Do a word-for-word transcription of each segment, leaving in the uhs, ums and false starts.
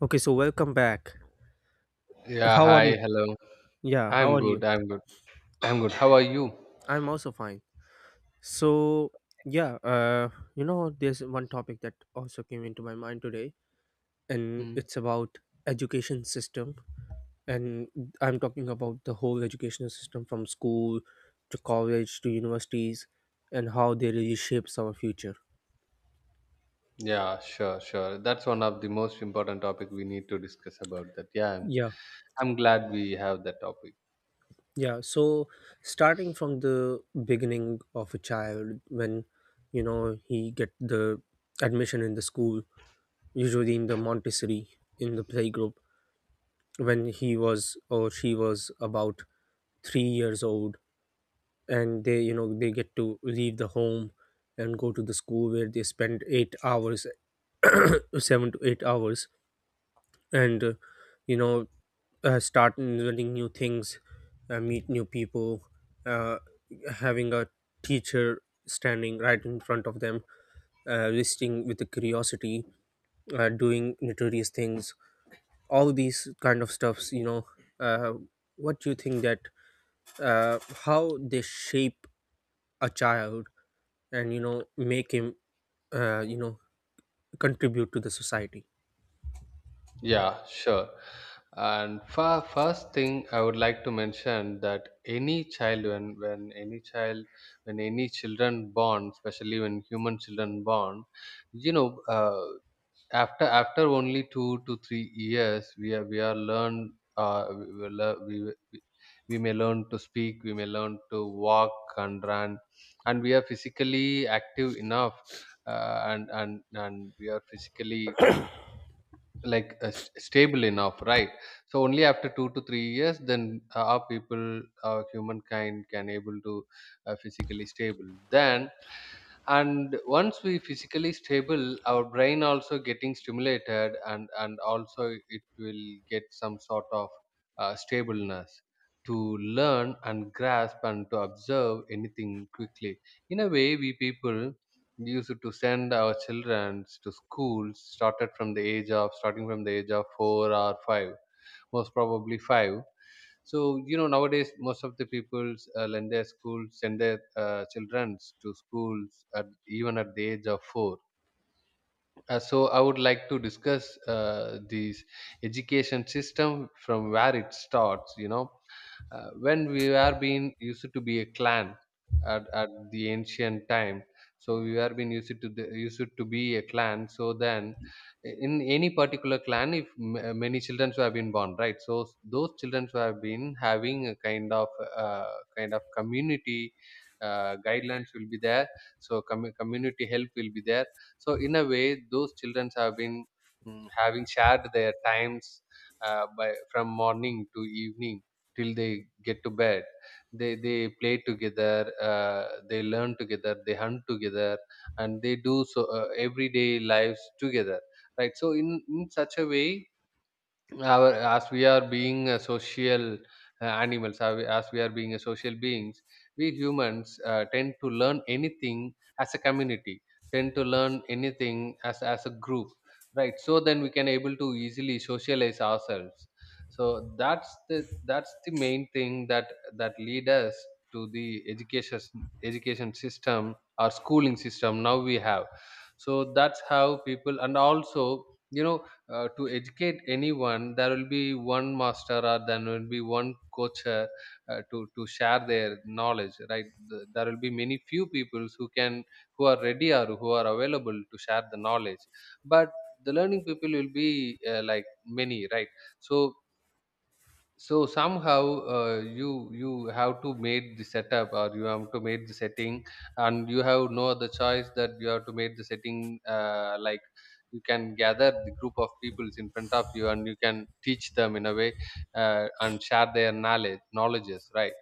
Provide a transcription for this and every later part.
Okay, so welcome back. Yeah, How are you? hi, hello. Yeah, how I'm are you? good, I'm good. I'm good. How are you? I'm also fine. So, yeah, uh, you know, there's one topic that also came into my mind today, and Hmm. it's about education system. And I'm talking about the whole educational system from school to college to universities and how they really shapes our future. Yeah, sure, sure. That's one of the most important topic we need to discuss about that. Yeah, I'm, Yeah, I'm glad we have that topic. yeah. So, starting from the beginning of a child, when, you know, he get the admission in the school usually in the Montessori in the playgroup when he was or she was about three years old, and they you know they get to leave the home and go to the school where they spend eight hours, seven to eight hours, and uh, you know uh, start learning new things, uh, meet new people, uh, having a teacher standing right in front of them, uh, listening with the curiosity, uh, doing notorious things, all these kind of stuffs you know. uh, what do you think that uh, how they shape a child and you know make him, uh, you know, contribute to the society? Yeah, sure. And for first thing, I would like to mention that any child, when when any child, when any children born, especially when human children born, you know, uh, after after only two to three years we are we are learned uh, we, we, lear- we, we we may learn to speak, we may learn to walk and run, and we are physically active enough, uh, and and and we are physically like uh, st- stable enough, right? So only after two to three years, then uh, our people our humankind can able to uh, physically stable. Then, and once we physically stable, our brain also getting stimulated, and and also it will get some sort of uh, stableness to learn and grasp and to observe anything quickly. In a way, we people used to send our children to schools started from the age of starting from the age of four or five, most probably five. So you know nowadays, most of the peoples, uh, lend their schools send their uh, children to schools at even at the age of four. Uh, so I would like to discuss uh, this education system from where it starts. You know, uh, when we were being used to be a clan at, at the ancient time, so we were being used to the, used to be a clan. So then, in any particular clan, if m- uh, many children who have been born, right? So those children who have been having a kind of, uh, kind of community uh, guidelines will be there. So com- community help will be there. So in a way, those children have been, mm, having shared their times uh, by, from morning to evening till they get to bed. They they play together, uh, they learn together, they hunt together, and they do so uh, everyday lives together. Right. So in in such a way, our as we are being uh, social, uh, animals, as we as we are being a social beings, we humans uh, tend to learn anything as a community, tend to learn anything as as a group, right? So then we can able to easily socialize ourselves. So that's the that's the main thing that that lead us to the education education system or schooling system now we have. So that's how people, and also, you know uh, to educate anyone, there will be one master, or there will be one coach, uh, uh, to to share their knowledge, right? The- there will be many few people who can who are ready or who are available to share the knowledge. But the learning people will be uh, like many, right? So so somehow, uh, you you have to make the setup, or you have to make the setting, and you have no other choice that you have to make the setting, uh, like, you can gather the group of peoples in front of you and you can teach them in a way, uh, and share their knowledge knowledges, right?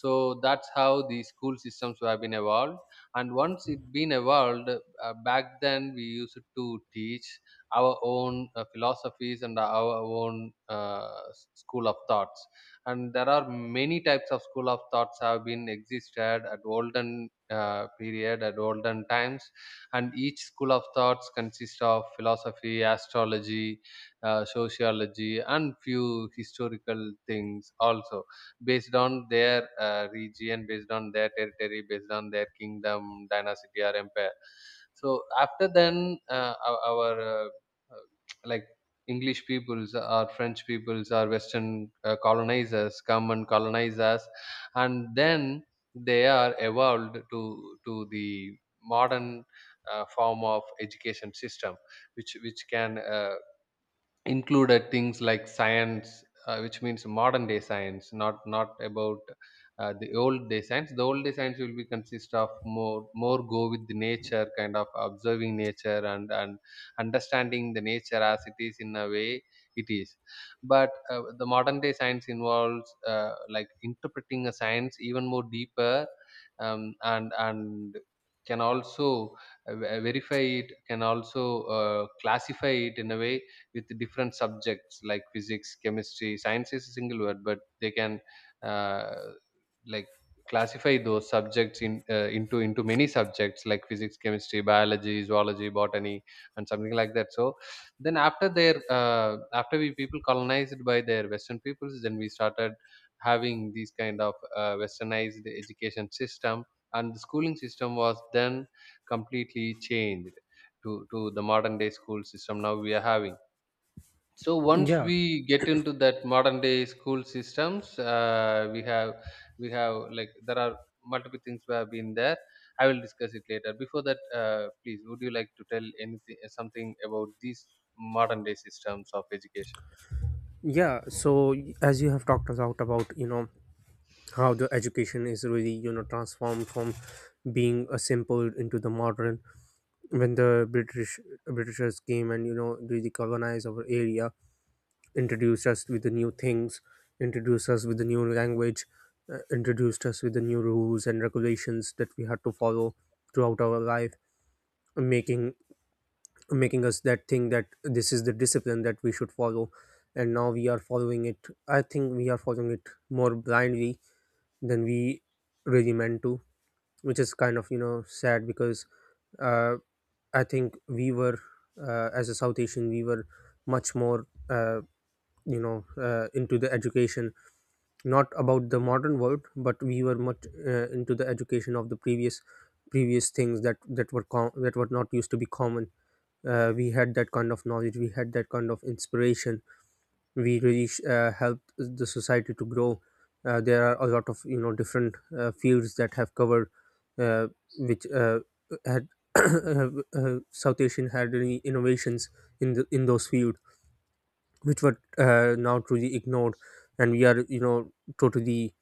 So that's how the school systems have been evolved. And once it been evolved, uh, back then we used to teach our own uh, philosophies and our own, uh, s- school of thoughts. And there are many types of school of thoughts have been existed at olden uh, period at olden times, and each school of thoughts consists of philosophy, astrology, uh, sociology, and few historical things also, based on their uh, region, based on their territory, based on their kingdom, dynasty, or empire. So after then, uh, our, our uh, uh, like English peoples or French peoples or Western uh, colonizers come and colonize us, and then they are evolved to to the modern uh, form of education system, which which can uh, included things like science, uh, which means modern day science, not not about uh, the old day science. The old day science will be consist of more more go with the nature, kind of observing nature, and and understanding the nature as it is, in a way it is. But uh, the modern day science involves uh, like interpreting a science even more deeper, um, and and can also uh, verify, it can also uh, classify it in a way, with different subjects like physics, chemistry. Science is a single word, but they can uh, like classify those subjects in uh, into into many subjects like physics, chemistry, biology, zoology, botany, and something like that. So then after their uh, after we people colonized by their western peoples, then we started having these kind of uh, westernized education system, and the schooling system was then completely changed to to the modern day school system now we are having. So once Yeah, we get into that modern day school systems, uh, we have we have, like, there are multiple things we have been there. I will discuss it later. Before that, uh, please, would you like to tell anything something about these modern day systems of education? yeah. So as you have talked about about you know how the education is really you know transformed from being a simple into the modern, when the british britishers came and you know really colonized our area, introduced us with the new things, introduced us with the new language, uh, introduced us with the new rules and regulations that we had to follow throughout our life, making making us that thing that this is the discipline that we should follow, and now we are following it. I think we are following it more blindly than we really meant to, which is kind of you know sad because, uh, I think we were, uh, as a South Asian we were much more. Uh, you know uh, into the education, not about the modern world, but we were much uh, into the education of the previous previous things that that were com- that were not used to be common. Uh, we had that kind of knowledge, we had that kind of inspiration, we really sh- uh, helped the society to grow. Uh, there are a lot of you know different uh, fields that have covered, uh, which uh, had uh, South Asian had any innovations in the in those fields, which were uh, now truly ignored, and we are you know totally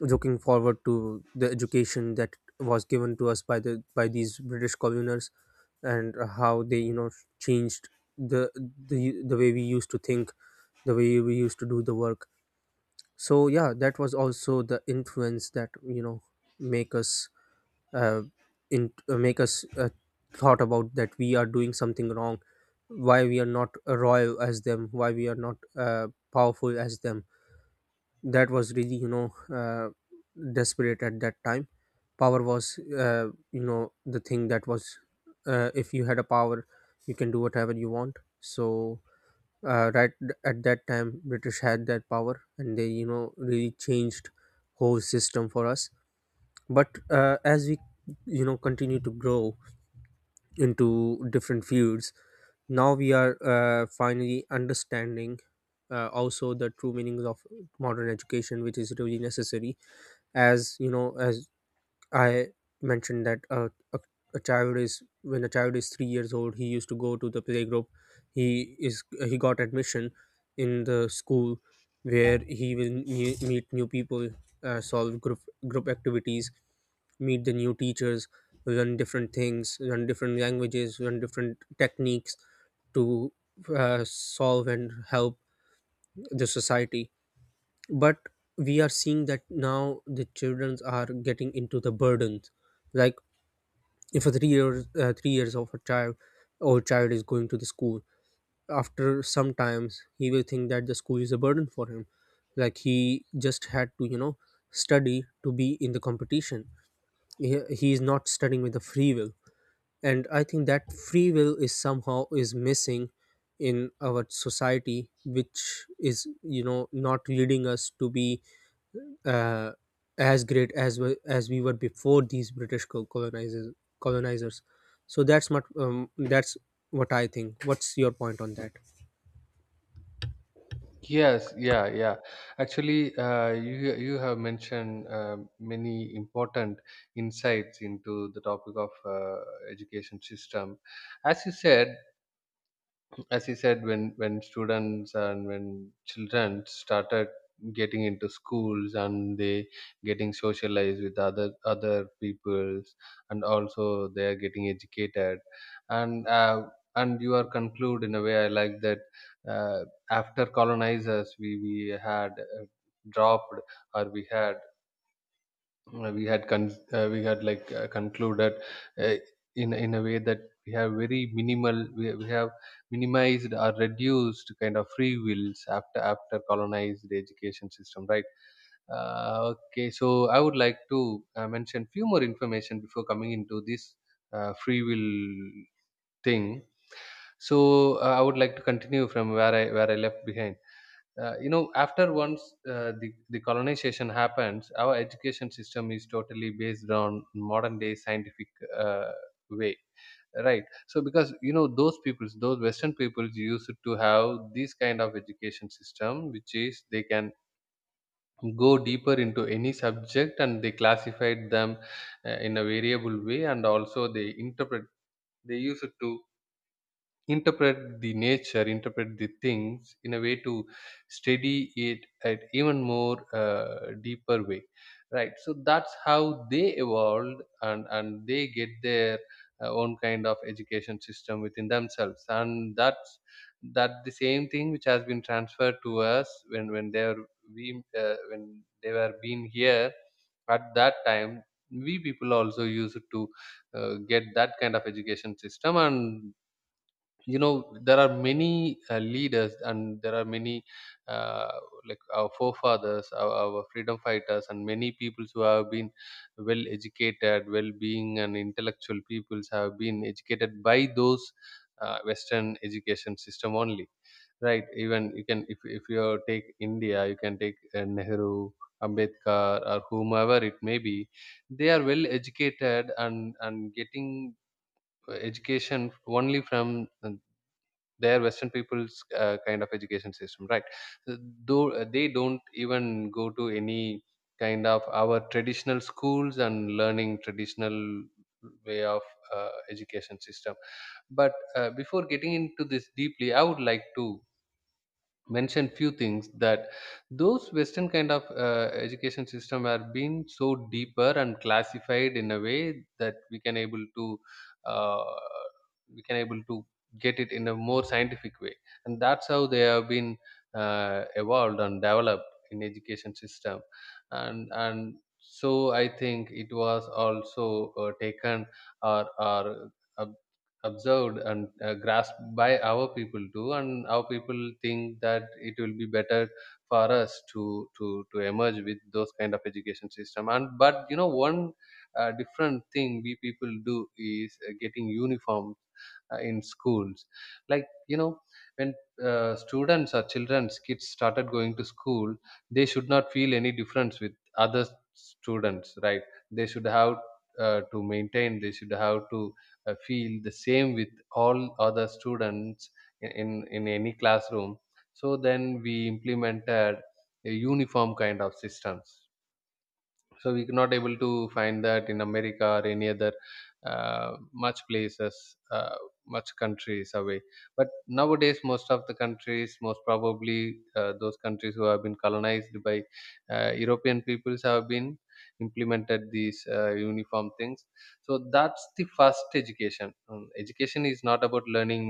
looking forward to the education that was given to us by the by these british coloners, and how they you know changed the the the way we used to think, the way we used to do the work. So yeah, that was also the influence that you know make us, uh, in uh, make us, uh, thought about that we are doing something wrong. Why we are not royal as them, why we are not uh, powerful as them? That was really you know, uh, desperate at that time. Power was, uh, you know, the thing that was, uh, if you had a power you can do whatever you want. So uh, right th- at that time british had that power, and they you know really changed whole system for us. But uh, as we you know continue to grow into different fields, now we are uh, finally understanding uh, also the true meanings of modern education, which is really necessary. As you know, as I mentioned that uh, a, a child is when a child is three years old, he used to go to the playgroup. He is he got admission in the school where he will me- meet new people, uh, solve group group activities, meet the new teachers, learn different things, learn different languages, learn different techniques to uh, solve and help the society. But we are seeing that now the children are getting into the burdens. Like if a three years uh, three years of a child old child is going to the school, after some times he will think that the school is a burden for him, like he just had to you know study to be in the competition. he, he is not studying with a free will, and I think that free will is somehow is missing in our society, which is you know not leading us to be uh, as great as we, as we were before these British col- colonizers. Colonizers. So that's what um, that's what I think. What's your point on that? Yes, yeah, yeah. Actually, uh, you you have mentioned uh, many important insights into the topic of uh, education system. As you said, as you said, when when students and when children started getting into schools and they getting socialized with other other peoples, and also they are getting educated, and uh, and you are conclude in a way. I like that. uh, After colonizers, we we had uh, dropped or we had uh, we had con- uh, we had like uh, concluded uh, in in a way that we have very minimal we, we have minimized or reduced kind of free wills after after colonized education system, right? Uh, okay, so I would like to uh, mention few more information before coming into this uh, free will thing. So uh, I would like to continue from where i where i left behind. Uh, you know after once, uh, the, the colonization happens, our education system is totally based on modern day scientific uh, way, right? So because you know those peoples those western peoples used to have this kind of education system, which is they can go deeper into any subject, and they classified them uh, in a variable way. And also they interpret they use it to interpret the nature, interpret the things in a way, to study it at even more uh, deeper way, right? So that's how they evolved, and and they get their uh, own kind of education system within themselves. And that's that the same thing which has been transferred to us, when when they are we uh, when they were being here at that time. We people also used to uh, get that kind of education system. And you know there are many uh, leaders, and there are many uh, like our forefathers our, our freedom fighters, and many peoples who have been well educated, well being and intellectual peoples have been educated by those uh, western education system only, right? Even you can if, if you take India, you can take uh, Nehru, Ambedkar, or whomever it may be. They are well educated, and and getting uh, education only from their western people's uh, kind of education system, right? So though uh, they don't even go to any kind of our traditional schools and learning traditional way of uh, education system. But uh, before getting into this deeply, I would like to mention few things, that those western kind of uh, education system have been so deeper and classified in a way that we can able to uh, we can able to get it in a more scientific way. And that's how they have been uh, evolved and developed in education system. And and so I think it was also uh, taken or or uh, observed and uh, grasped by our people too. And our people think that it will be better for us to to to emerge with those kind of education system. And but you know one uh, different thing we people do is uh, getting uniform uh, in schools, like you know when uh, students or children's kids started going to school, they should not feel any difference with other students, right? They should have, uh, to maintain they should have to uh, feel the same with all other students in, in in any classroom. So then we implemented a uniform kind of systems. So we not able to find that in America or any other uh, much places uh, much countries away. But nowadays, most of the countries, most probably uh, those countries who have been colonized by uh, European peoples have been implemented these uh, uniform things. So that's the first. Education Um, education is not about learning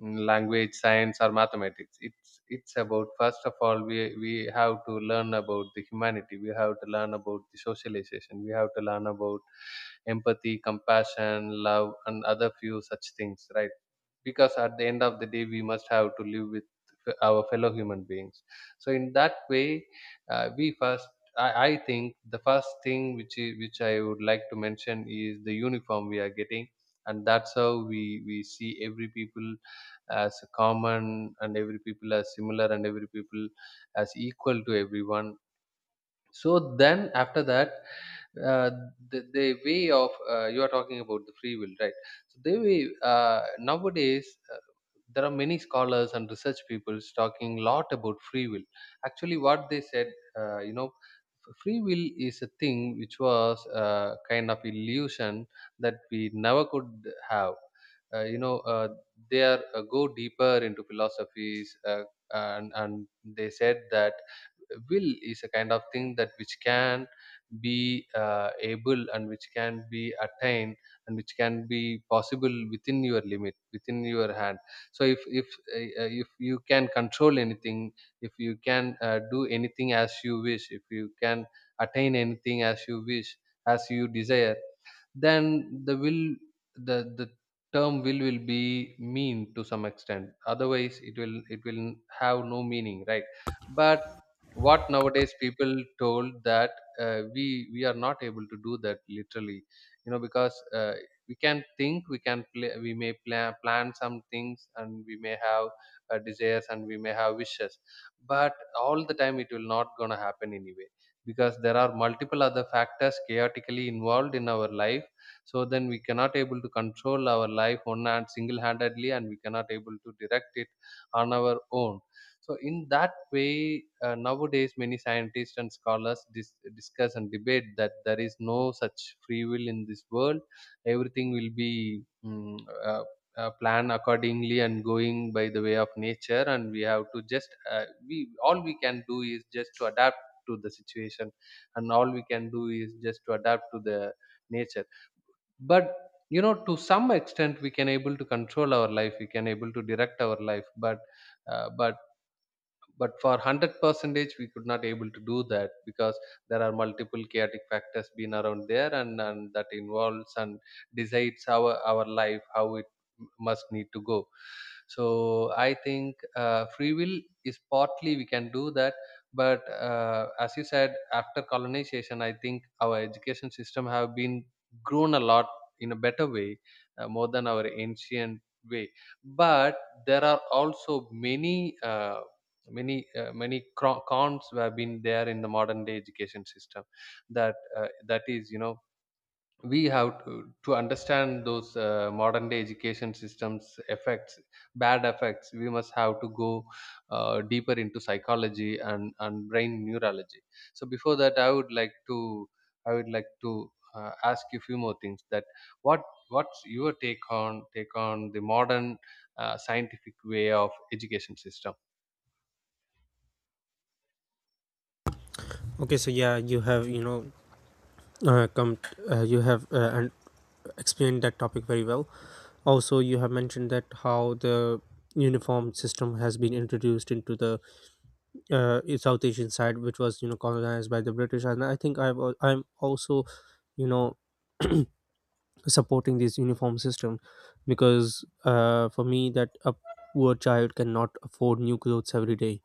in language, science, or mathematics. It's it's About first of all we we have to learn about the humanity, we have to learn about the socialization, we have to learn about empathy, compassion, love and other few such things, right? Because at the end of the day we must have to live with f- our fellow human beings. So in that way uh, we first, I, I think the first thing which is, which I would like to mention is the uniform we are getting, and that's how we we see every people as common and every people as similar and every people as equal to everyone. So then after that, uh, the, the way of uh, you are talking about the free will, right? So they way uh, nowadays, uh, there are many scholars and research people talking lot about free will. Actually what they said, uh, you know f- free will is a thing which was uh, kind of illusion that we never could have. uh, you know uh, they are uh, go deeper into philosophies. Uh, and and they said that will is a kind of thing that which can be uh, able and which can be attained and which can be possible within your limit, within your hand. So if if uh, uh, if you can control anything, if you can uh, do anything as you wish, if you can attain anything as you wish, as you desire, then the will, the the term will will be mean to some extent. Otherwise it will it will have no meaning, right? But what nowadays people told that, uh, we we are not able to do that literally, you know, because uh, we can think, we can play, we may plan plan some things, and we may have uh, desires and we may have wishes, but all the time it will not gonna happen anyway, because there are multiple other factors chaotically involved in our life. So then we cannot able to control our life one hand single handedly, and we cannot able to direct it on our own. So in that way uh, nowadays many scientists and scholars dis- discuss and debate that there is no such free will in this world. Everything will be mm, uh, uh, plan accordingly and going by the way of nature, and we have to just uh, we all we can do is just to adapt to the situation, and all we can do is just to adapt to the nature. But you know, to some extent we can able to control our life, we can able to direct our life, but uh, but but for hundred percentage we could not able to do that, because there are multiple chaotic factors been around there, and, and that involves and decides our our life how it must need to go. So I think uh, free will is partly we can do that. But uh, as you said, after colonization I think our education system have been grown a lot in a better way, uh, more than our ancient way. But there are also many uh, many uh, many cro- cons have been there in the modern day education system. that uh, that is, you know, we have to, to understand those uh, modern day education systems effects, bad effects. We must have to go uh, deeper into psychology and and brain neurology. So before that I would like to, i would like to uh, ask you a few more things, that what, what's your take on take on the modern uh, scientific way of education system? Okay, so yeah, you have you know uh, come uh, you have uh, and explained that topic very well. Also, you have mentioned that how the uniform system has been introduced into the uh, South Asian side, which was you know colonized by the British, and I think I've al- I'm also you know supporting this uniform system because, uh, for me that a poor child cannot afford new clothes every day,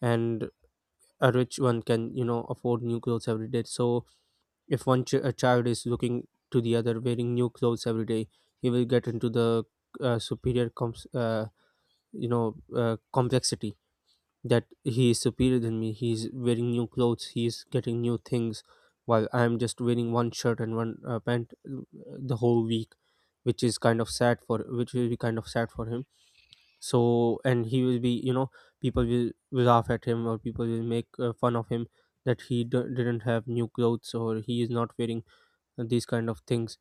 and a rich one can you know afford new clothes every day. So if one ch- a child is looking to the other wearing new clothes every day, he will get into the uh, superior comps- uh, you know uh, complexity that he is superior than me. He is wearing new clothes, he is getting new things, while I am just wearing one shirt and one uh, pant uh, the whole week, which is kind of sad for, which will be kind of sad for him. So, and he will be you know people will, will laugh at him, or people will make uh, fun of him that he d- didn't have new clothes, or he is not wearing these kind of things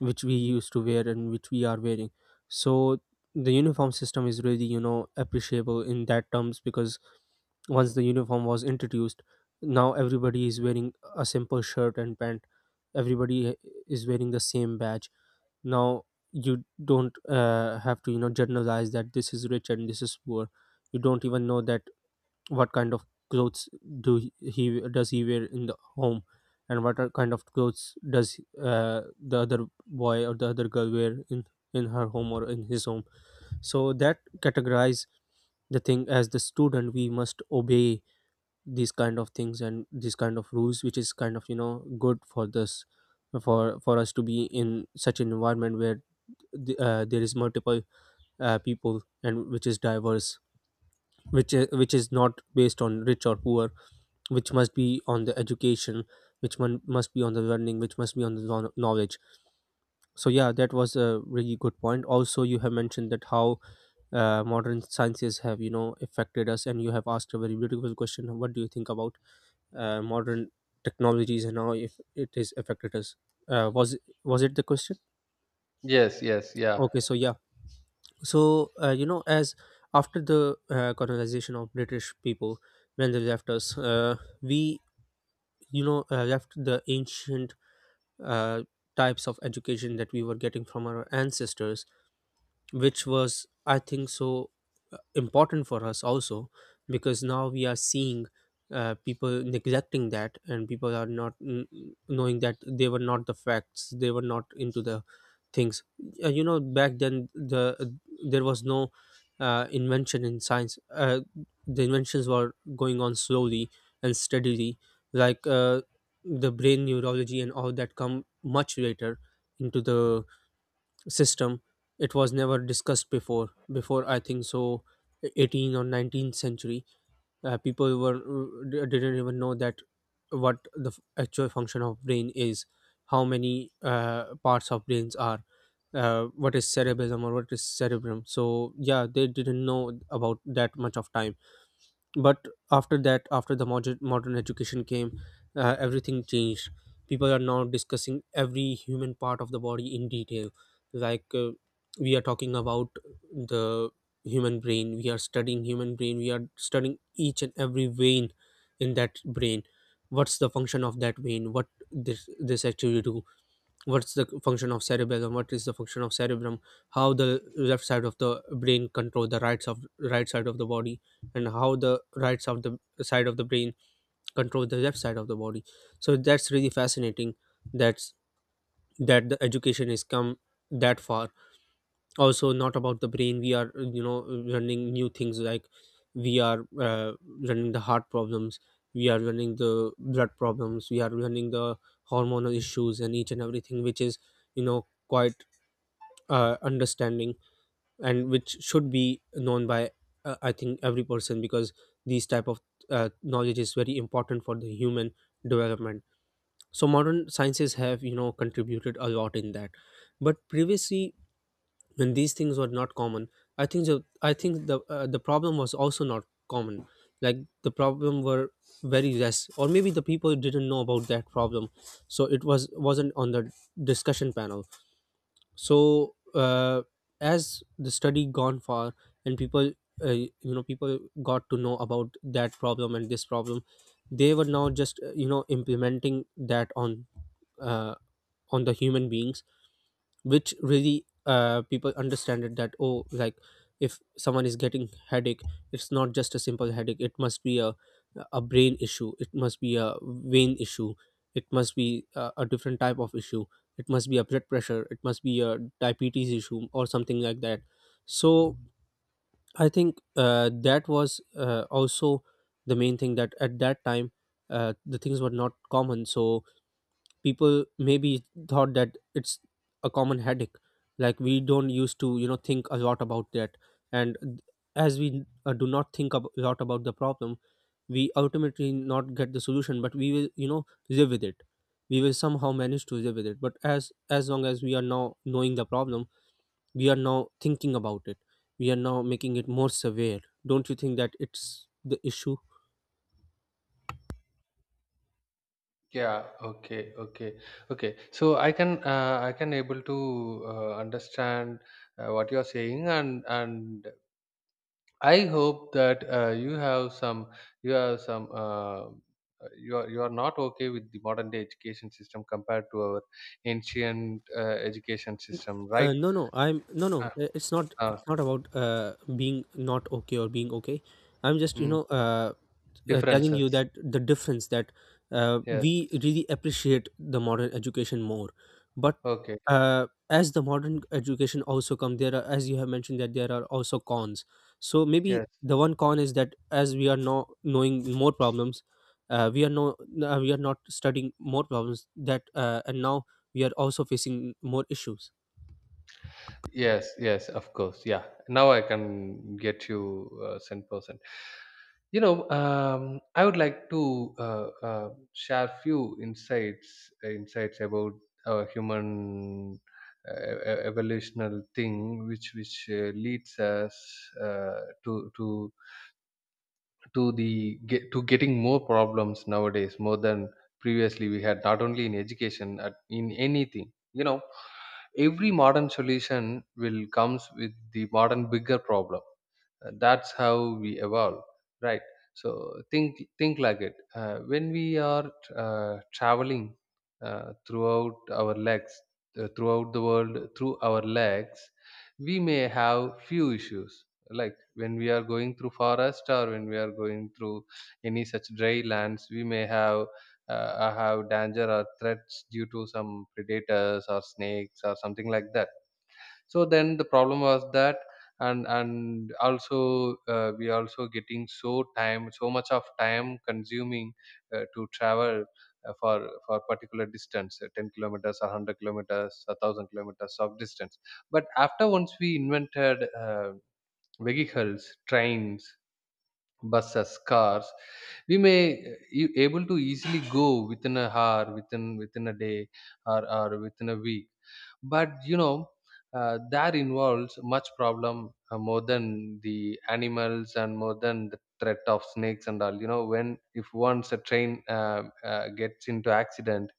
which we used to wear and which we are wearing. So the uniform system is really you know appreciable in that terms, because once the uniform was introduced, now everybody is wearing a simple shirt and pant, everybody is wearing the same badge. Now you don't uh, have to you know generalize that this is rich and this is poor. You don't even know that what kind of clothes do he he- does he wear in the home, and what are kind of clothes does uh, the other boy or the other girl wear in in her home or in his home. So that categorize the thing, as the student we must obey these kind of things and these kind of rules, which is kind of you know good for this for for us to be in such an environment where the, uh, there is multiple uh, people and which is diverse, which is, which is not based on rich or poor, which must be on the education, which one must be on the learning, which must be on the know- knowledge. So yeah, that was a really good point. Also you have mentioned that how uh, modern sciences have you know affected us, and you have asked a very beautiful question, what do you think about uh, modern technologies and how if it has affected us? uh, was was it the question? Yes, yes, yeah. Okay, so yeah. So uh, you know as after the uh, colonization of british people, when they left us, uh, we you know uh, left the ancient uh, types of education that we were getting from our ancestors, which was I think so uh, important for us also, because now we are seeing uh, people neglecting that, and people are not mm, mm, knowing that they were not the facts, they were not into the things. Uh, you know back then the there was no uh, invention in science. Uh, the inventions were going on slowly and steadily, like uh, the brain neurology and all that come much later into the system. It was never discussed before before I think so eighteen or nineteenth century. Uh, people were uh, didn't even know that what the f- actual function of brain is, how many uh, parts of brains are, uh, what is cerebellum or what is cerebrum. So yeah, they didn't know about that much of time. But after that, after the modern, modern education came, uh, everything changed. People are now discussing every human part of the body in detail. Like uh, we are talking about the human brain, we are studying human brain, we are studying each and every vein in that brain, what's the function of that vein, what this this actually do, what's the function of cerebellum, what is the function of cerebrum, how the left side of the brain control the rights of right side of the body, and how the rights of the side of the brain control the left side of the body. So that's really fascinating, that's that the education has come that far. Also, not about the brain, we are you know running new things, like we are uh, running the heart problems, we are running the blood problems, we are running the hormonal issues and each and everything, which is you know quite uh, understanding and which should be known by uh, I think every person because these type of uh, knowledge is very important for the human development. So modern sciences have, you know, contributed a lot in that. But previously, when these things were not common, i think the i think the uh, the problem was also not common. Like, the problem were very less, or maybe the people didn't know about that problem, so it was wasn't on the discussion panel. So uh, as the study gone far and people, uh, you know, people got to know about that problem and this problem, they were now just uh, you know, implementing that on uh, on the human beings, which really, uh, people understand it that, oh, like if someone is getting headache, it's not just a simple headache, it must be a a brain issue, it must be a vein issue, it must be a, a different type of issue, it must be a blood pressure, it must be a diabetes issue or something like that. So I think uh, that was uh, also the main thing, that at that time uh, the things were not common, so people maybe thought that it's a common headache. Like, we don't used to, you know, think a lot about that. And as we uh, do not think a lot about the problem, we ultimately not get the solution, but we will, you know, live with it. We will somehow manage to live with it. But as as long as we are now knowing the problem, we are now thinking about it, we are now making it more severe. Don't you think that it's the issue? Yeah, okay, okay, okay. So I can uh, I can able to uh, understand uh, what you are saying, and and I hope that uh, you have some, you have some, uh, you are, you are not okay with the modern day education system compared to our ancient uh, education system, right? Uh, no, no, I'm no, uh, no. i- It's not. uh, It's not about uh, being not okay or being okay. I'm just, you mm, know, uh, uh, telling you differences. that the difference, that uh, Yes. we really appreciate the modern education more. But Okay. uh, as the modern education also come, there are, as you have mentioned, that there are also cons. So maybe Yes. the one con is that, as we are now knowing more problems, uh, we are no, uh, we are not studying more problems that, uh, and now we are also facing more issues. Yes, yes, of course. Yeah. Now I can get you uh, ten percent. You know, um, I would like to uh, uh, share few insights insights about our human uh, e- e- evolutional thing, which which uh, leads us uh, to to to the get to getting more problems nowadays more than previously we had, not only in education at, in anything. You know, every modern solution will comes with the modern bigger problem. uh, that's how we evolve, right? So think think like it, uh, when we are uh, traveling uh, throughout our legs uh, throughout the world through our legs, we may have few issues, like when we are going through forest, or when we are going through any such dry lands, we may have uh, have danger or threats due to some predators or snakes or something like that. So then the problem was that. And and also uh, we also getting so time so much of time consuming uh, to travel uh, for for particular distance, uh, ten kilometers or hundred kilometers, a thousand kilometers of distance. But after, once we invented uh, vehicles, trains, buses, cars, we may uh, e- able to easily go within a hour, within within a day, or, or within a week. But you know, uh, that involves much problem, uh, more than the animals and more than the threat of snakes and all. You know, when, if once a train uh, uh, gets into accident,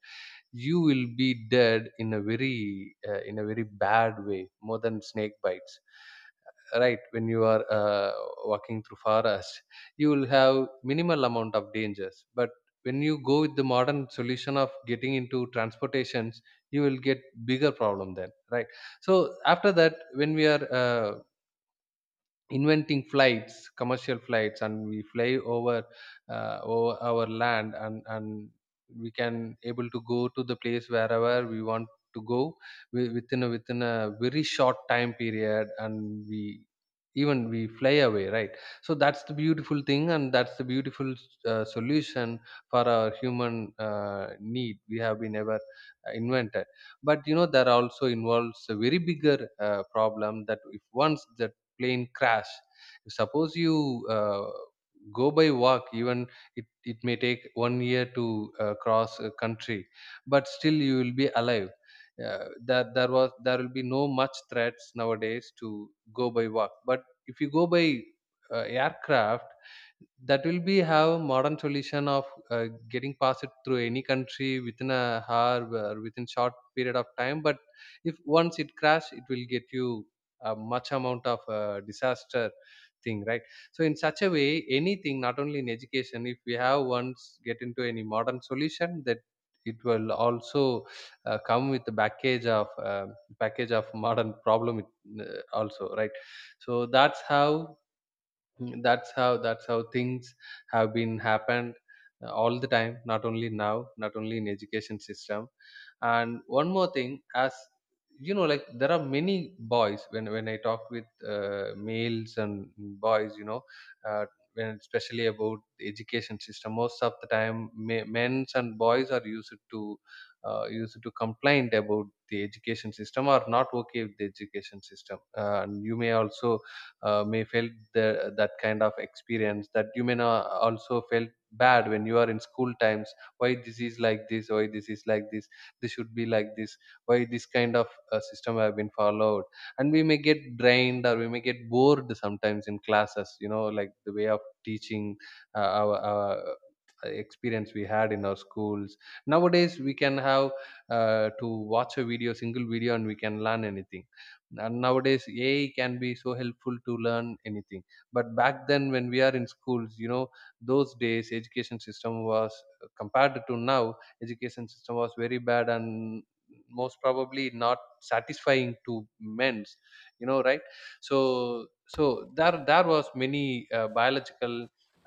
you will be dead in a very uh, in a very bad way, more than snake bites, right? When you are uh, walking through forest you will have minimal amount of dangers, but when you go with the modern solution of getting into transportations, you will get bigger problem then, right? So after that when we are uh, inventing flights, commercial flights, and we fly over, uh, over our land, and and we can able to go to the place wherever we want to go, wi- within a within a very short time period, and we even we fly away, right? So that's the beautiful thing, and that's the beautiful uh, solution for our human uh, need we have been ever uh, invented. But you know, there also involves a very bigger uh, problem, that if once the plane crash, suppose you uh, go by walk, even it, it may take one year to uh, cross a country, but still you will be alive. uh, that there was, there will be no much threats nowadays to go by walk, but if you go by uh, aircraft, that will be have modern solution of uh, getting past it through any country within a hour or within short period of time, but if once it crash, it will get you a much amount of uh, disaster thing, right? So in such a way, anything, not only in education, if we have once get into any modern solution, that it will also uh, come with the package of um package of modern problem, it, uh, also, right? So that's how, Mm, that's how, that's how things have been happened uh, all the time, not only now, not only in education system. And one more thing, as you know, like there are many boys, when when I talk with uh, males and boys, you know, uh, when especially about the education system, most of the time ma- men's and boys are used to uh, used to complain about the education system or not okay with the education system. uh, and you may also uh, may felt the, that kind of experience, that you may not uh, also felt bad when you are in school times. Why this is like this, why this is like this this should be like this, why this kind of uh, system have been followed. And we may get drained or we may get bored sometimes in classes, you know, like the way of teaching, uh, our, our uh, experience we had in our schools. Nowadays we can have uh, to watch a video, single video, and we can learn anything. And nowadays A I can be so helpful to learn anything. But back then when we are in schools, you know, those days education system was, uh, compared to now education system, was very bad, and most probably not satisfying to men's, you know, right? So so there there was many uh, biological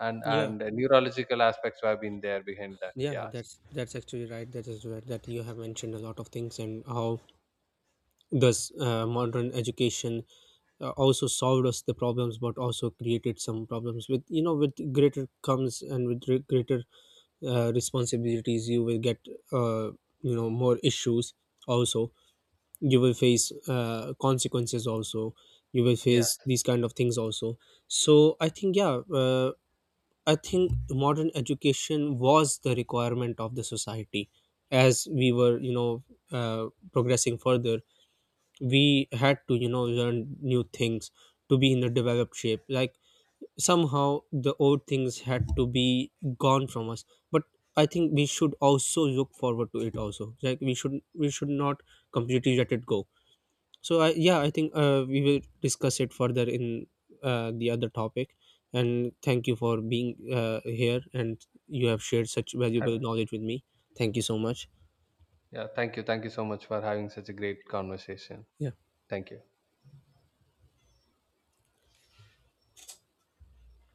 and Yeah. and neurological aspects have been there behind that, Yeah, yes. that's that's actually right. That is right. That you have mentioned a lot of things and how does uh, modern education uh, also solved us the problems, but also created some problems. With, you know, with greater comes, and with re- greater uh, responsibilities, you will get, uh, you know, more issues. Also, you will face uh, consequences. Also, you will Yeah, face these kind of things. Also, so I think, yeah. Uh, I think modern education was the requirement of the society. As we were, you know, uh, progressing further, we had to, you know, learn new things to be in a developed shape. Like, somehow the old things had to be gone from us. But I think we should also look forward to it. Also, like, we should we should not completely let it go. So I, yeah, I think uh, we will discuss it further in uh, the other topic. And thank you for being uh, here, and you have shared such valuable knowledge with me. Thank you so much. yeah, thank you, thank you so much for having such a great conversation. Yeah. Thank you.